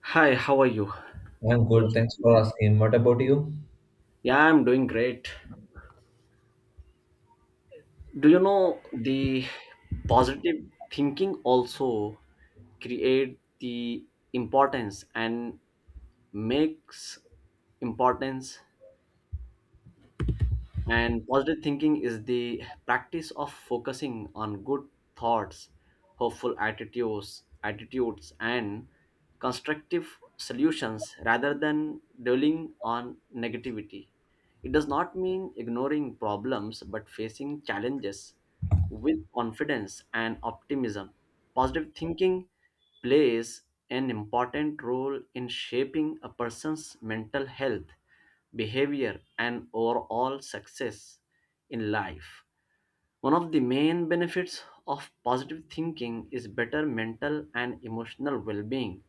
Hi, how are you? I'm Good good. Thanks afternoon. for asking. What about you? Yeah, I'm doing great. Do you know the positive thinking also create the importance and makes importance? And positive thinking is the practice of focusing on good thoughts, hopeful attitudes, and constructive solutions rather than dwelling on negativity. It does not mean ignoring problems but facing challenges with confidence and optimism. Positive thinking plays an important role in shaping a person's mental health behavior, and overall success in life. One of the main benefits of positive thinking is better mental and emotional well being.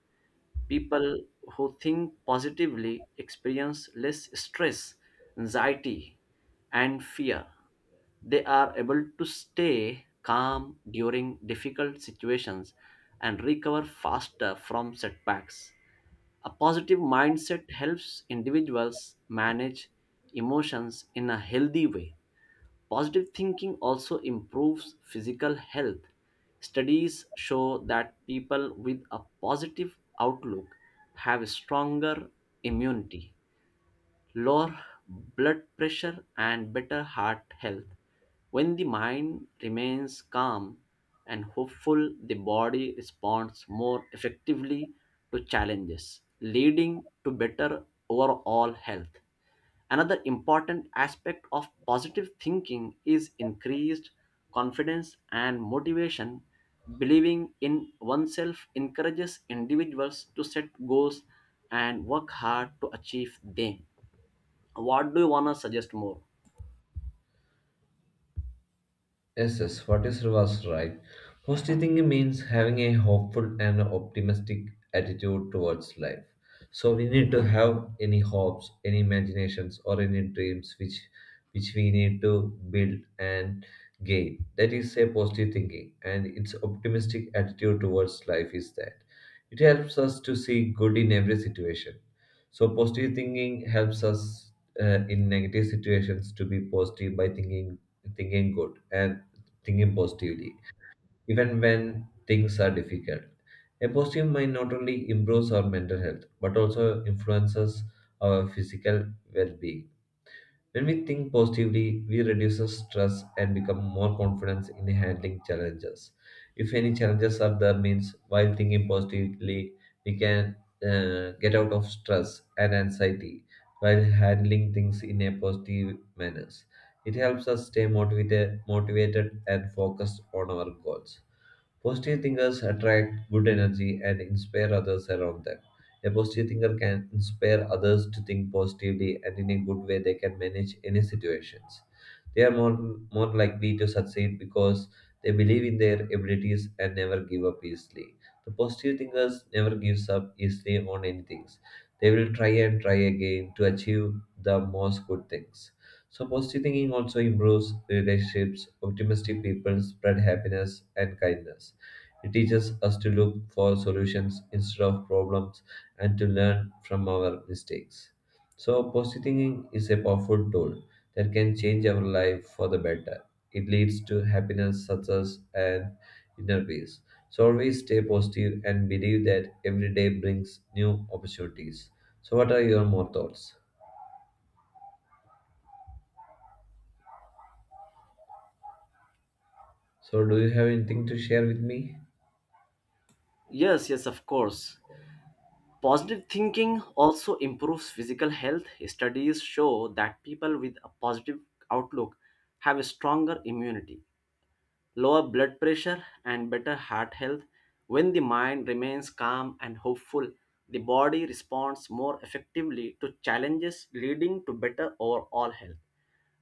People who think positively experience less stress, anxiety, and fear. They are able to stay calm during difficult situations and recover faster from setbacks. A positive mindset helps individuals manage emotions in a healthy way. Positive thinking also improves physical health. Studies show that people with a positive outlook have stronger immunity, lower blood pressure, and better heart health. When the mind remains calm and hopeful, the body responds more effectively to challenges, leading to better overall health. Another important aspect of positive thinking is increased confidence and motivation. Believing in oneself encourages individuals to set goals and work hard to achieve them. What do you want to suggest more? Yes, yes, what is was right. Positive thinking means having a hopeful and optimistic attitude towards life. So we need to have any hopes, any imaginations, or any dreams which we need to build and gain. That is a positive thinking, and its optimistic attitude towards life is that it helps us to see good in every situation. So positive thinking helps us in negative situations to be positive by thinking good and thinking positively, even when things are difficult. A positive mind not only improves our mental health but also influences our physical well being. When we think positively, we reduce the stress and become more confident in handling challenges. If any challenges are there, means while thinking positively, we can get out of stress and anxiety while handling things in a positive manner. It helps us stay motivated and focused on our goals. Positive thinkers attract good energy and inspire others around them. A positive thinker can inspire others to think positively and in a good way they can manage any situations. They are more likely to succeed because they believe in their abilities and never give up easily. The positive thinkers never gives up easily on anything. They will try and try again to achieve the most good things. So positive thinking also improves relationships. Optimistic people spread happiness and kindness. It teaches us to look for solutions instead of problems and to learn from our mistakes. So, positive thinking is a powerful tool that can change our life for the better. It leads to happiness, success, and inner peace. So, always stay positive and believe that every day brings new opportunities. So, what are your more thoughts? So, do you have anything to share with me? Yes, yes, of course. Positive thinking also improves physical health. Studies show that people with a positive outlook have a stronger immunity, lower blood pressure, and better heart health. When the mind remains calm and hopeful, the body responds more effectively to challenges, leading to better overall health.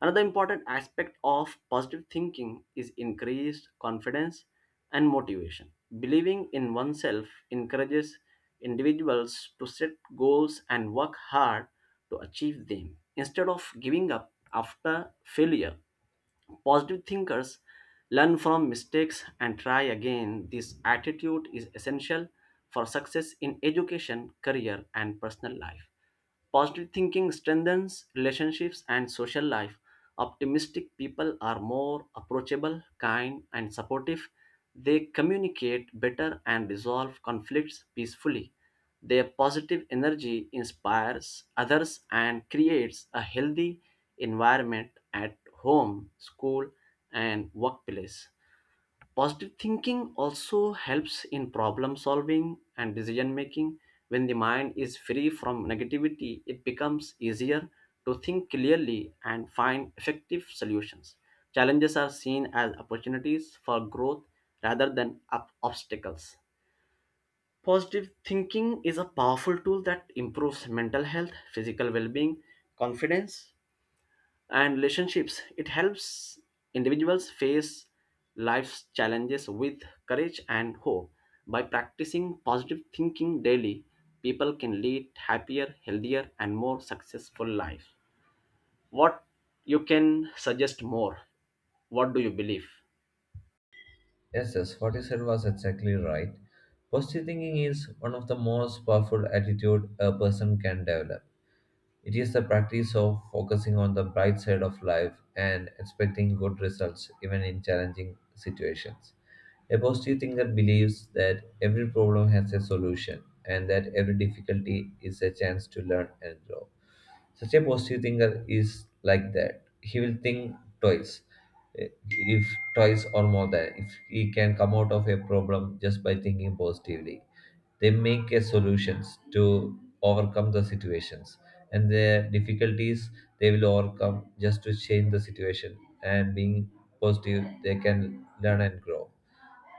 Another important aspect of positive thinking is increased confidence and motivation. Believing in oneself encourages individuals to set goals and work hard to achieve them. Instead of giving up after failure, positive thinkers learn from mistakes and try again. This attitude is essential for success in education, career, and personal life. Positive thinking strengthens relationships and social life. Optimistic people are more approachable, kind, and supportive. They communicate better and resolve conflicts peacefully. Their positive energy inspires others and creates a healthy environment at home, school, and workplace. Positive thinking also helps in problem solving and decision making. When the mind is free from negativity, it becomes easier to think clearly and find effective solutions. Challenges are seen as opportunities for growth rather than obstacles. Positive thinking is a powerful tool that improves mental health, physical well being, confidence, and relationships. It helps individuals face life's challenges with courage and hope. By practicing positive thinking daily, people can lead happier, healthier, and more successful life. What you can suggest more? What do you believe? Yes, what you said was exactly right. Positive thinking is one of the most powerful attitude a person can develop. It is the practice of focusing on the bright side of life and expecting good results even in challenging situations. A positive thinker believes that every problem has a solution and that every difficulty is a chance to learn and grow. Such a positive thinker is like that. He will think twice, if twice or more than if he can come out of a problem just by thinking positively. They make a solutions to overcome the situations and their difficulties they will overcome just to change the situation and being positive they can learn and grow.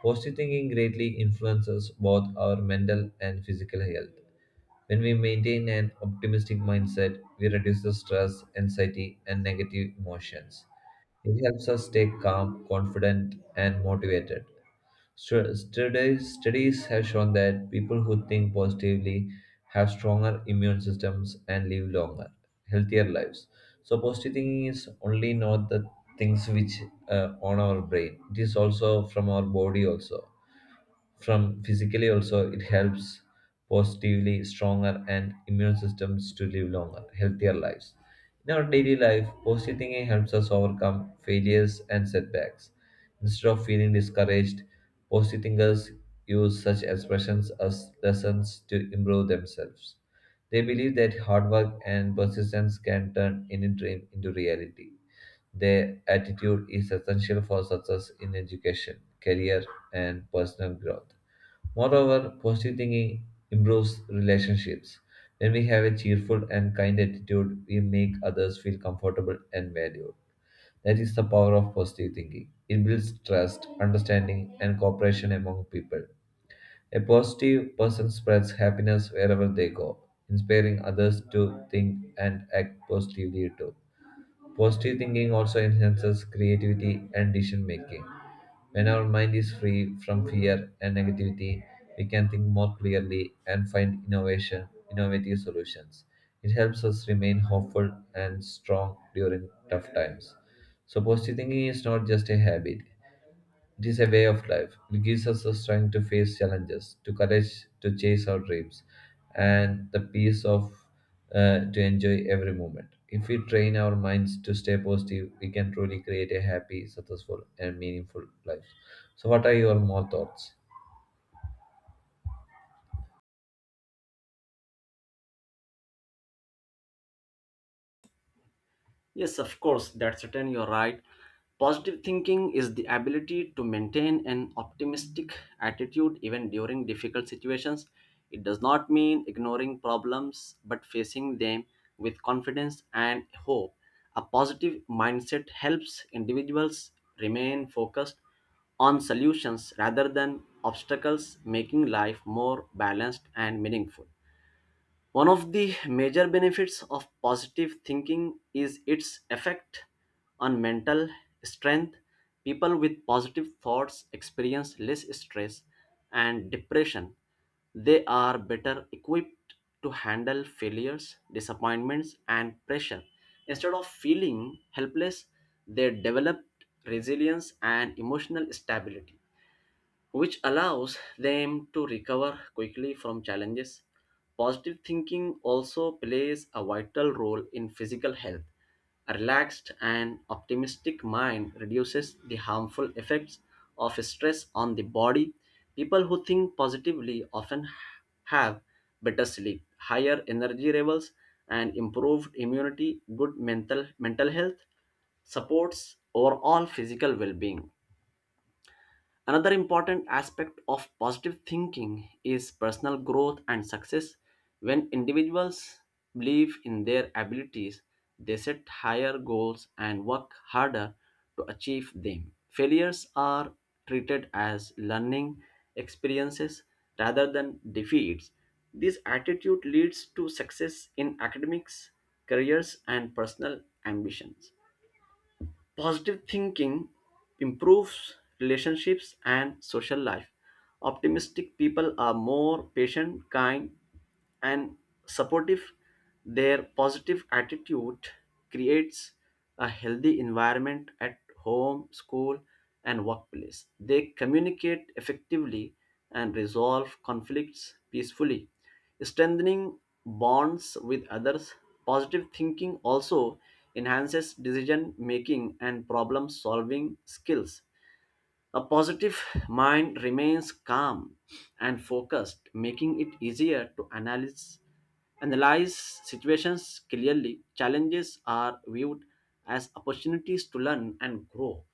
Positive thinking greatly influences both our mental and physical health. When we maintain an optimistic mindset, we reduce the stress, anxiety, and negative emotions. It helps us stay calm, confident, and motivated. Studies have shown that people who think positively have stronger immune systems and live longer, healthier lives. So, positive thinking is only not the things which on our brain; it is also from our body also from physically also it helps positively stronger and immune systems to live longer healthier lives in our daily life. Positive thinking helps us overcome failures and setbacks. Instead of feeling discouraged, positive thinkers use such expressions as lessons to improve themselves. They believe that hard work and persistence can turn any dream into reality. Their attitude is essential for success in education, career, and personal growth. Moreover, positive thinking improves relationships. When we have a cheerful and kind attitude, we make others feel comfortable and valued. That is the power of positive thinking. It builds trust, understanding, and cooperation among people. A positive person spreads happiness wherever they go, inspiring others to think and act positively too. Positive thinking also enhances creativity and decision making. When our mind is free from fear and negativity, we can think more clearly and find innovation, innovative solutions. It helps us remain hopeful and strong during tough times. So positive thinking is not just a habit, it is a way of life. It gives us the strength to face challenges, to courage to chase our dreams, and the peace of to enjoy every moment. If we train our minds to stay positive, we can truly create a happy, successful, and meaningful life. So, what are your more thoughts? Yes, of course, that's certain you're right. Positive thinking is the ability to maintain an optimistic attitude even during difficult situations. It does not mean ignoring problems but facing them with confidence and hope. A positive mindset helps individuals remain focused on solutions rather than obstacles, making life more balanced and meaningful. One of the major benefits of positive thinking is its effect on mental strength. People with positive thoughts experience less stress and depression. They are better equipped to handle failures, disappointments, and pressure. Instead of feeling helpless, they develop resilience and emotional stability which allows them to recover quickly from challenges. Positive thinking also plays a vital role in physical health. A relaxed and optimistic mind reduces the harmful effects of stress on the body. People who think positively often have better sleep, higher energy levels, and improved immunity. Good mental health supports overall physical well-being. Another important aspect of positive thinking is personal growth and success. When individuals believe in their abilities, they set higher goals and work harder to achieve them. Failures are treated as learning experiences rather than defeats. This attitude leads to success in academics, careers, and personal ambitions. Positive thinking improves relationships and social life. Optimistic people are more patient, kind, and supportive. Their positive attitude creates a healthy environment at home, school, and workplace. They communicate effectively and resolve conflicts peacefully. Strengthening bonds with others, positive thinking also enhances decision making and problem solving skills. A positive mind remains calm and focused, making it easier to analyze situations clearly. Challenges are viewed as opportunities to learn and grow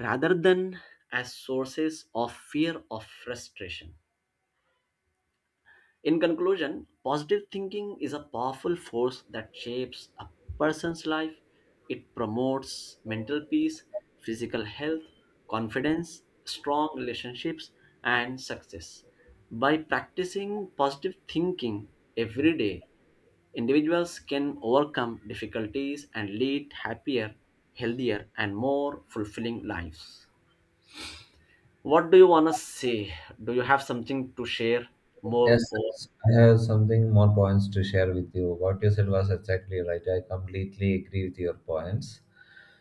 rather than as sources of fear or frustration. In conclusion, positive thinking is a powerful force that shapes a person's life. It promotes mental peace, physical health, confidence, strong relationships, and success. By practicing positive thinking every day, individuals can overcome difficulties and lead happier, healthier, and more fulfilling lives. What do you want to say? Do you have something to share more? Yes, Or I have something more points to share with you. What you said was exactly right. I completely agree with your points.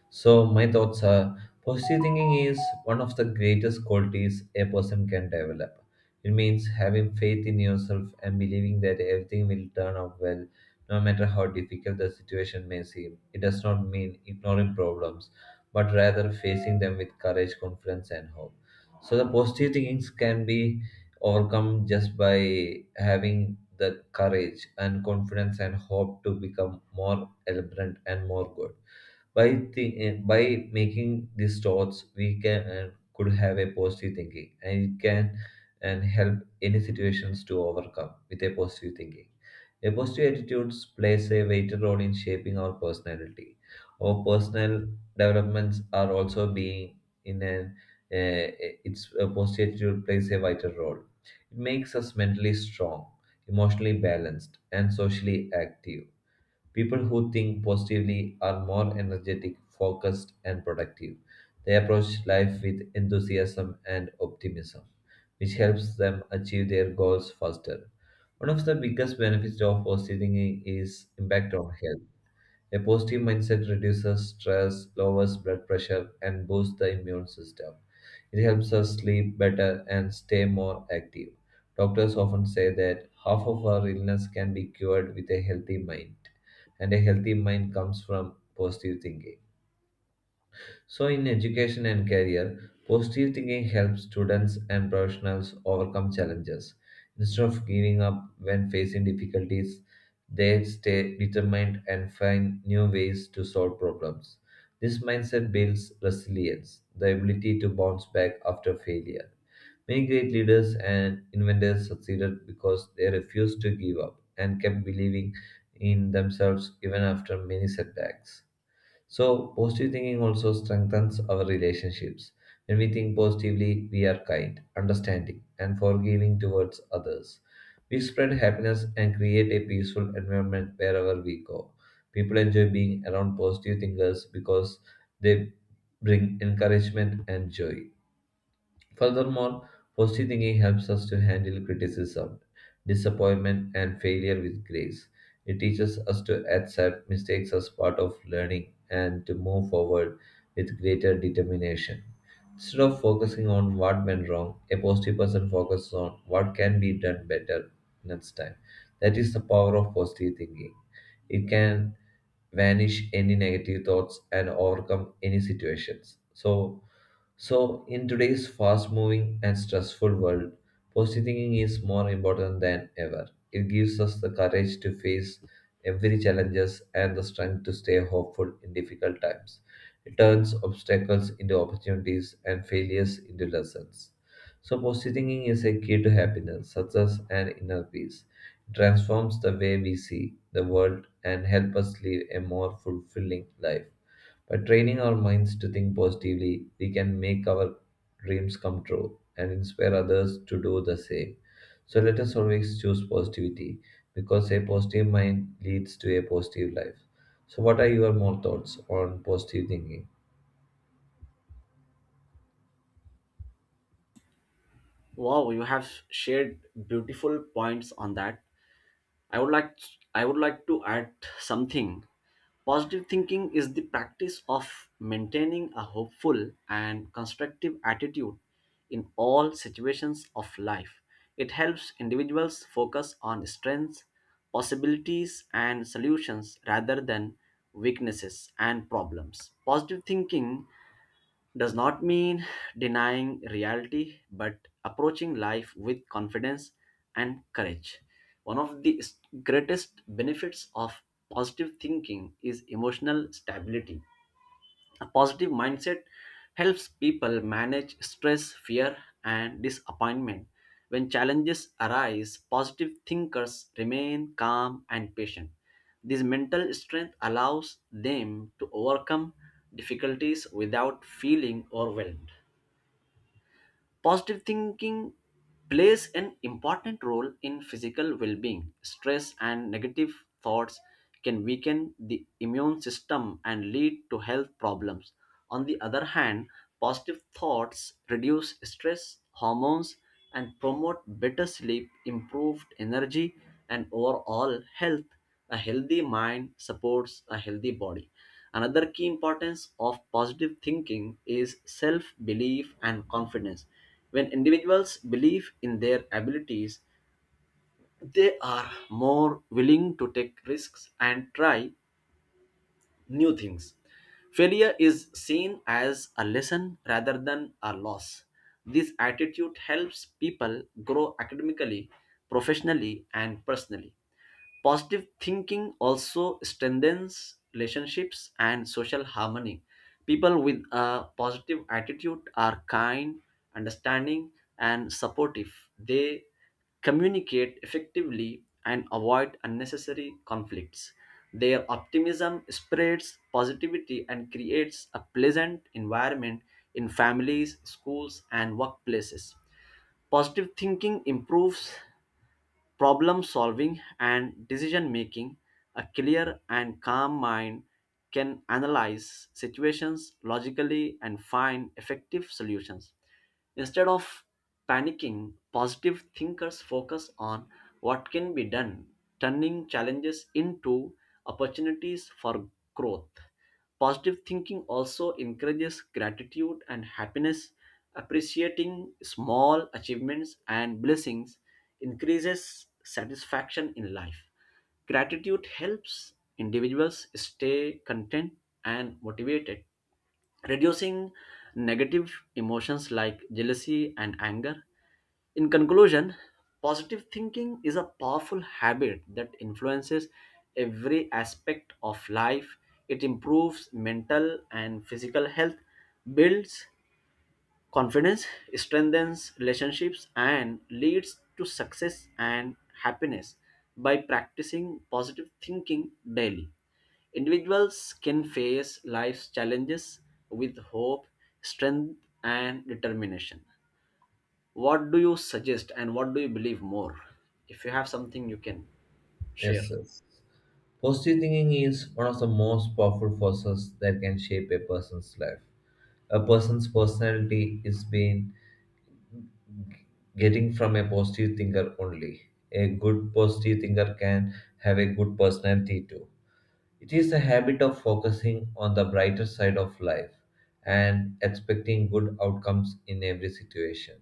So, my thoughts are positive thinking is one of the greatest qualities a person can develop. It means having faith in yourself and believing that everything will turn out well, no matter how difficult the situation may seem. It does not mean ignoring problems, but rather facing them with courage, confidence, and hope. So, the positive thinking can be overcome just by having the courage and confidence and hope to become more elaborate and more good. By by making these thoughts, we can and could have a positive thinking, and it can and help any situations to overcome with a positive thinking. A positive attitudes plays a vital role in shaping our personality. Our personal developments are also being in an uh, its a positive attitude plays a vital role. It makes us mentally strong, emotionally balanced, and socially active. People who think positively are more energetic, focused, and productive. They approach life with enthusiasm and optimism, which helps them achieve their goals faster. One of the biggest benefits of positive thinking is impact on health. A positive mindset reduces stress, lowers blood pressure, and boosts the immune system. It helps us sleep better and stay more active. Doctors often say that half of our illness can be cured with a healthy mind, and a healthy mind comes from positive thinking. So, in education and career, positive thinking helps students and professionals overcome challenges. Instead of giving up when facing difficulties, they stay determined and find new ways to solve problems. This mindset builds resilience, the ability to bounce back after failure. Many great leaders and inventors succeeded because they refused to give up and kept believing in themselves even after many setbacks. So, positive thinking also strengthens our relationships. When we think positively, we are kind, understanding, and forgiving towards others. We spread happiness and create a peaceful environment wherever we go. People enjoy being around positive thinkers because they bring encouragement and joy. Furthermore, positive thinking helps us to handle criticism, disappointment, and failure with grace. It teaches us to accept mistakes as part of learning and to move forward with greater determination. Instead of focusing on what went wrong, a positive person focuses on what can be done better next time. That is the power of positive thinking. It can vanish any negative thoughts and overcome any situations. So, in today's fast moving and stressful world, positive thinking is more important than ever. It gives us the courage to face every challenges and the strength to stay hopeful in difficult times. It turns obstacles into opportunities and failures into lessons. So, positive thinking is a key to happiness, success, and inner peace. It transforms the way we see the world and help us live a more fulfilling life. By training our minds to think positively, we can make our dreams come true and inspire others to do the same. So let us always choose positivity because a positive mind leads to a positive life. So, what are your more thoughts on positive thinking? Wow, you have shared beautiful points on that. I would like I would like to add something. Positive thinking is the practice of maintaining a hopeful and constructive attitude in all situations of life. It helps individuals focus on strengths, possibilities and solutions rather than weaknesses and problems. Positive thinking does not mean denying reality, but approaching life with confidence and courage. One of the greatest benefits of positive thinking is emotional stability. A positive mindset helps people manage stress, fear, and disappointment. When challenges arise, positive thinkers remain calm and patient. This mental strength allows them to overcome difficulties without feeling overwhelmed. Positive thinking plays an important role in physical well being. Stress and negative thoughts can weaken the immune system and lead to health problems. On the other hand, positive thoughts reduce stress hormones and promote better sleep, improved energy, and overall health. A healthy mind supports a healthy body. Another key importance of positive thinking is self belief and confidence. When individuals believe in their abilities, they are more willing to take risks and try new things. Failure is seen as a lesson rather than a loss. This attitude helps people grow academically, professionally, and personally. Positive thinking also strengthens relationships and social harmony. People with a positive attitude are kind, understanding, and supportive. They communicate effectively and avoid unnecessary conflicts. Their optimism spreads positivity and creates a pleasant environment in families, schools, and workplaces. Positive thinking improves problem solving and decision making. A clear and calm mind can analyze situations logically and find effective solutions instead of panicking. Positive thinkers focus on what can be done, turning challenges into opportunities for growth. Positive thinking also encourages gratitude and happiness. Appreciating small achievements and blessings increases satisfaction in life. Gratitude helps individuals stay content and motivated, reducing negative emotions like jealousy and anger. In conclusion, positive thinking is a powerful habit that influences every aspect of life. It improves mental and physical health, builds confidence, strengthens relationships and leads to success and happiness. By practicing positive thinking daily, individuals can face life's challenges with hope, strength, and determination. What do you suggest and what do you believe more? If you have something, you can share. Yes, sir. Positive thinking is one of the most powerful forces that can shape a person's life. A person's personality is being getting from a positive thinker only. A good positive thinker can have a good personality too. It is a habit of focusing on the brighter side of life and expecting good outcomes in every situation.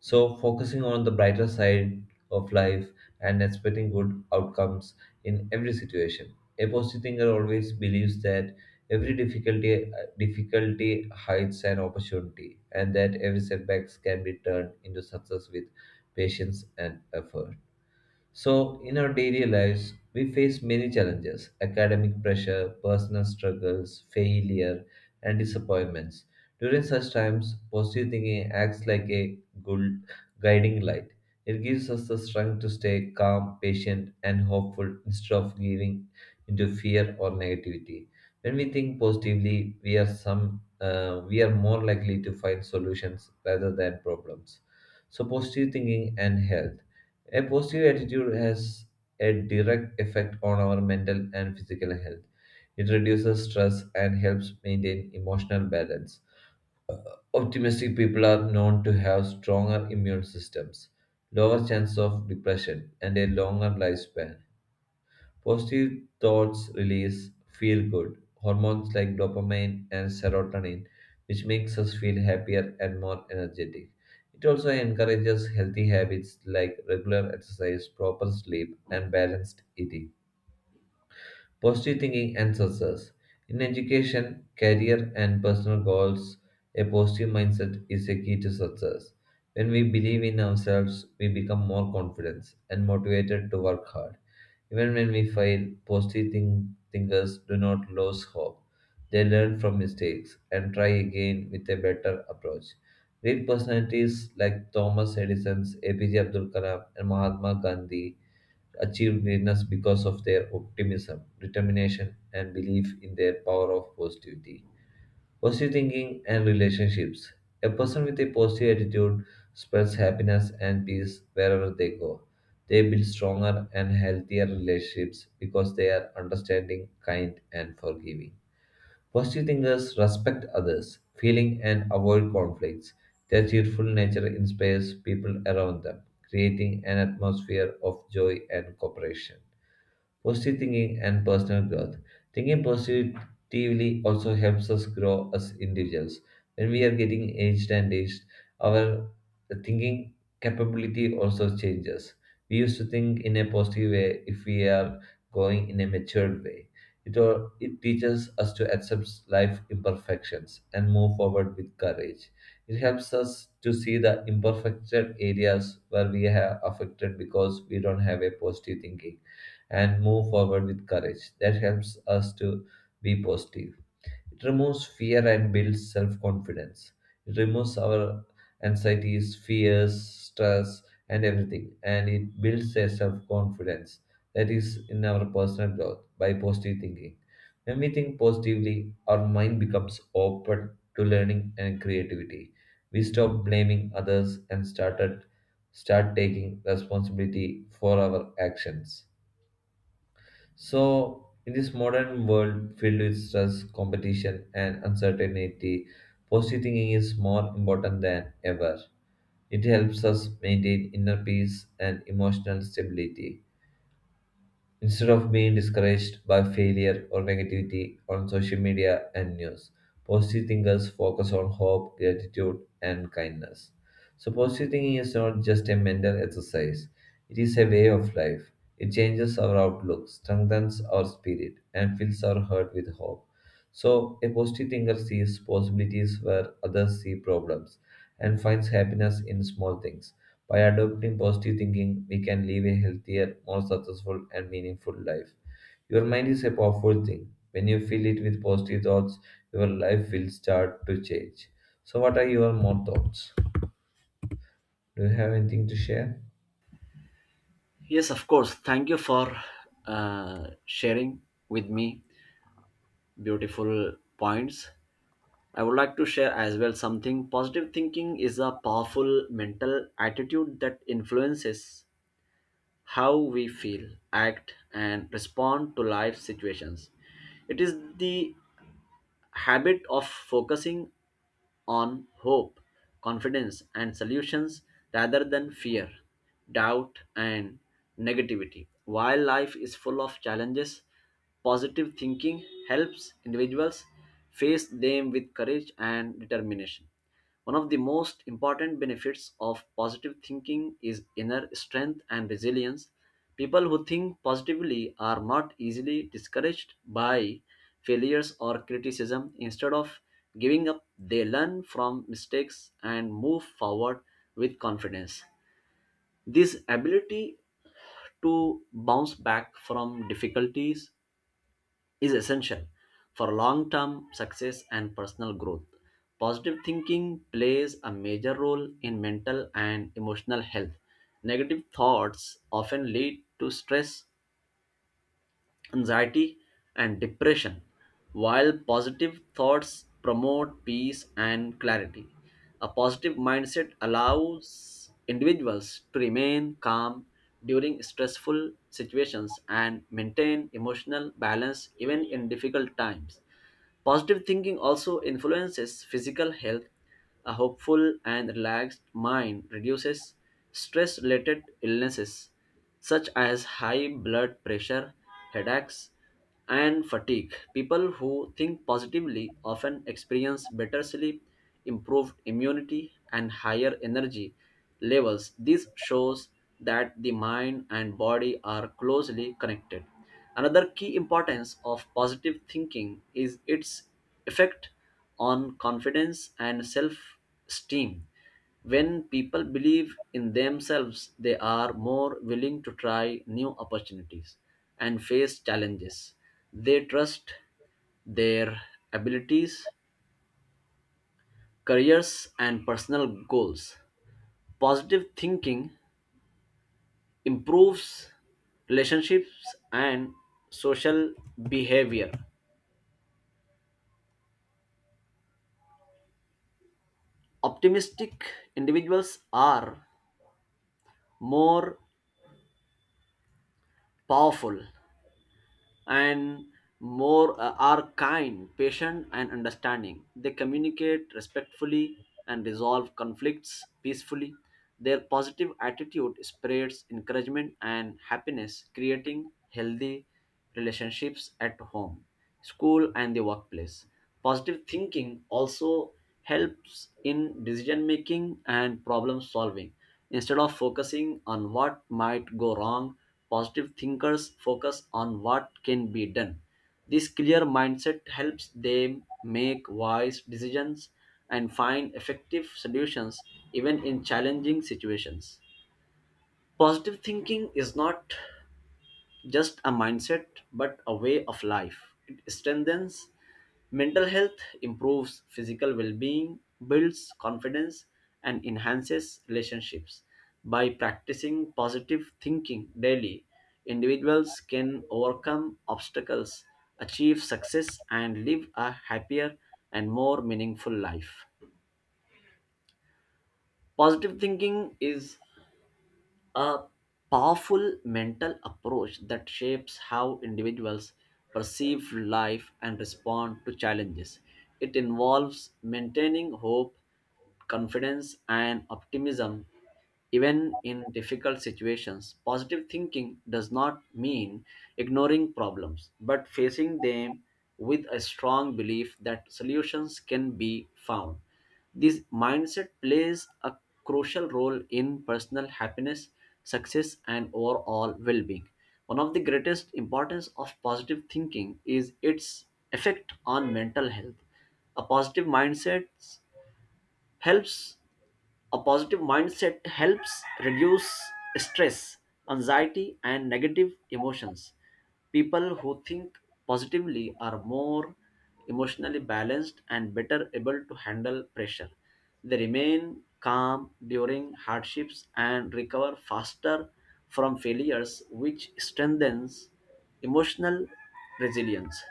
So, focusing on the brighter side of life and expecting good outcomes in every situation. A positive thinker always believes that every difficulty hides an opportunity and that every setback can be turned into success with patience and effort. So, in our daily lives, we face many challenges academic pressure, personal struggles, failure, and disappointments. During such times, positive thinking acts like a good guiding light. It gives us the strength to stay calm, patient, and hopeful instead of giving into fear or negativity. When we think positively, we are some we are more likely to find solutions rather than problems. So, positive thinking and health. A positive attitude has a direct effect on our mental and physical health. It reduces stress and helps maintain emotional balance. Optimistic people are known to have stronger immune systems, lower chance of depression, and a longer lifespan. Positive thoughts release feel good hormones like dopamine and serotonin, which makes us feel happier and more energetic. It also encourages healthy habits like regular exercise, proper sleep, and balanced eating. Positive thinking and success. In education, career, and personal goals, a positive mindset is a key to success. When we believe in ourselves, we become more confident and motivated to work hard. Even when we fail, positive thinkers do not lose hope. They learn from mistakes and try again with a better approach. Great personalities like Thomas Edison, APJ Abdul Kalam, and Mahatma Gandhi achieve greatness because of their optimism, determination, and belief in their power of positivity. Positive thinking and relationships. A person with a positive attitude spreads happiness and peace wherever they go. They build stronger and healthier relationships because they are understanding, kind, and forgiving. Positive thinkers respect others, feeling and avoid conflicts. Their cheerful nature inspires people around them, creating an atmosphere of joy and cooperation. Positive thinking and personal growth. Thinking positively also helps us grow as individuals. When we are getting aged and aged, our thinking capability also changes. We used to think in a positive way if we are going in a matured way. It teaches us to accept life imperfections and move forward with courage. It helps us to see the imperfected areas where we are affected because we don't have a positive thinking and move forward with courage. That helps us to be positive. It removes fear and builds self confidence. It removes our anxieties, fears, stress, and everything. And it builds a self confidence that is in our personal growth by positive thinking. When we think positively, our mind becomes open to learning and creativity. We stop blaming others and start taking responsibility for our actions. So, in this modern world filled with stress, competition, and uncertainty, positive thinking is more important than ever. It helps us maintain inner peace and emotional stability. Instead of being discouraged by failure or negativity on social media and news, positive thinkers focus on hope, gratitude, and kindness. So, positive thinking is not just a mental exercise, it is a way of life. It changes our outlook, strengthens our spirit, and fills our heart with hope. So, a positive thinker sees possibilities where others see problems and finds happiness in small things. By adopting positive thinking, we can live a healthier, more successful, and meaningful life. Your mind is a powerful thing. When you fill it with positive thoughts, your life will start to change. So, what are your more thoughts? Do you have anything to share? Yes, of course. Thank you for sharing with me beautiful points. I would like to share as well something. Positive thinking is a powerful mental attitude that influences how we feel, act, and respond to life situations. It is the habit of focusing on hope, confidence, and solutions rather than fear, doubt, and negativity. While life is full of challenges, positive thinking helps individuals face them with courage and determination. One of the most important benefits of positive thinking is inner strength and resilience. People who think positively are not easily discouraged by failures or criticism. Instead of giving up, they learn from mistakes and move forward with confidence. This ability to bounce back from difficulties is essential for long term success and personal growth. Positive thinking plays a major role in mental and emotional health. Negative thoughts often lead to stress, anxiety, and depression, while positive thoughts promote peace and clarity. A positive mindset allows individuals to remain calm during stressful situations and maintain emotional balance even in difficult times. Positive thinking also influences physical health. A hopeful and relaxed mind reduces stress related illnesses such as high blood pressure, headaches, and fatigue. People who think positively often experience better sleep, improved immunity, and higher energy levels. This shows that the mind and body are closely connected. Another key importance of positive thinking is its effect on confidence and self esteem. When people believe in themselves, they are more willing to try new opportunities and face challenges. They trust their abilities, careers, and personal goals. Positive thinking improves relationships and social behavior. Optimistic individuals are more powerful and more are kind, patient, and understanding. They communicate respectfully and resolve conflicts peacefully. Their positive attitude spreads encouragement and happiness, creating healthy relationships at home, school, and the workplace. Positive thinking also helps in decision making and problem solving. Instead of focusing on what might go wrong, positive thinkers focus on what can be done. This clear mindset helps them make wise decisions and find effective solutions even in challenging situations. Positive thinking is not just a mindset, but a way of life. It strengthens mental health, improves physical well being, builds confidence, and enhances relationships. By practicing positive thinking daily, individuals can overcome obstacles, achieve success, and live a happier and more meaningful life. Positive thinking is a powerful mental approach that shapes how individuals perceive life and respond to challenges. It involves maintaining hope, confidence, and optimism even in difficult situations. Positive thinking does not mean ignoring problems, but facing them with a strong belief that solutions can be found. This mindset plays a crucial role in personal happiness, success, and overall well being. One of the greatest importance of positive thinking is its effect on mental health. A positive mindset helps a positive mindset helps reduce stress, anxiety, and negative emotions. People who think positively are more emotionally balanced and better able to handle pressure. They remain calm during hardships and recover faster from failures, which strengthens emotional resilience.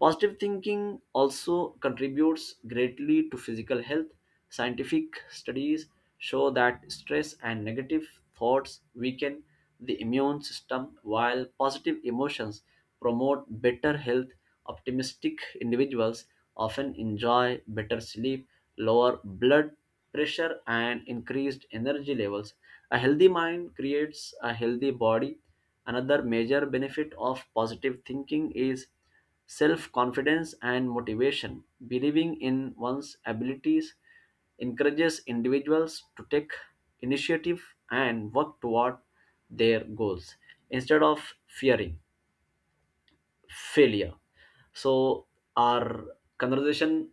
Positive thinking also contributes greatly to physical health. Scientific studies show that stress and negative thoughts weaken the immune system, while positive emotions promote better health. Optimistic individuals often enjoy better sleep, lower blood pressure, and increased energy levels. A healthy mind creates a healthy body. Another major benefit of positive thinking is self confidence and motivation. Believing in one's abilities encourages individuals to take initiative and work toward their goals instead of fearing failure. So, our conversation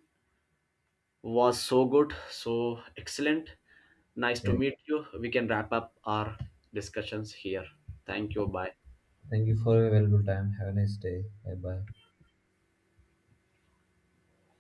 was so good, so excellent. Nice to Yeah. meet you. We can wrap up our discussions here. Thank you. Bye. Thank you for your valuable time. Have a nice day. Bye bye.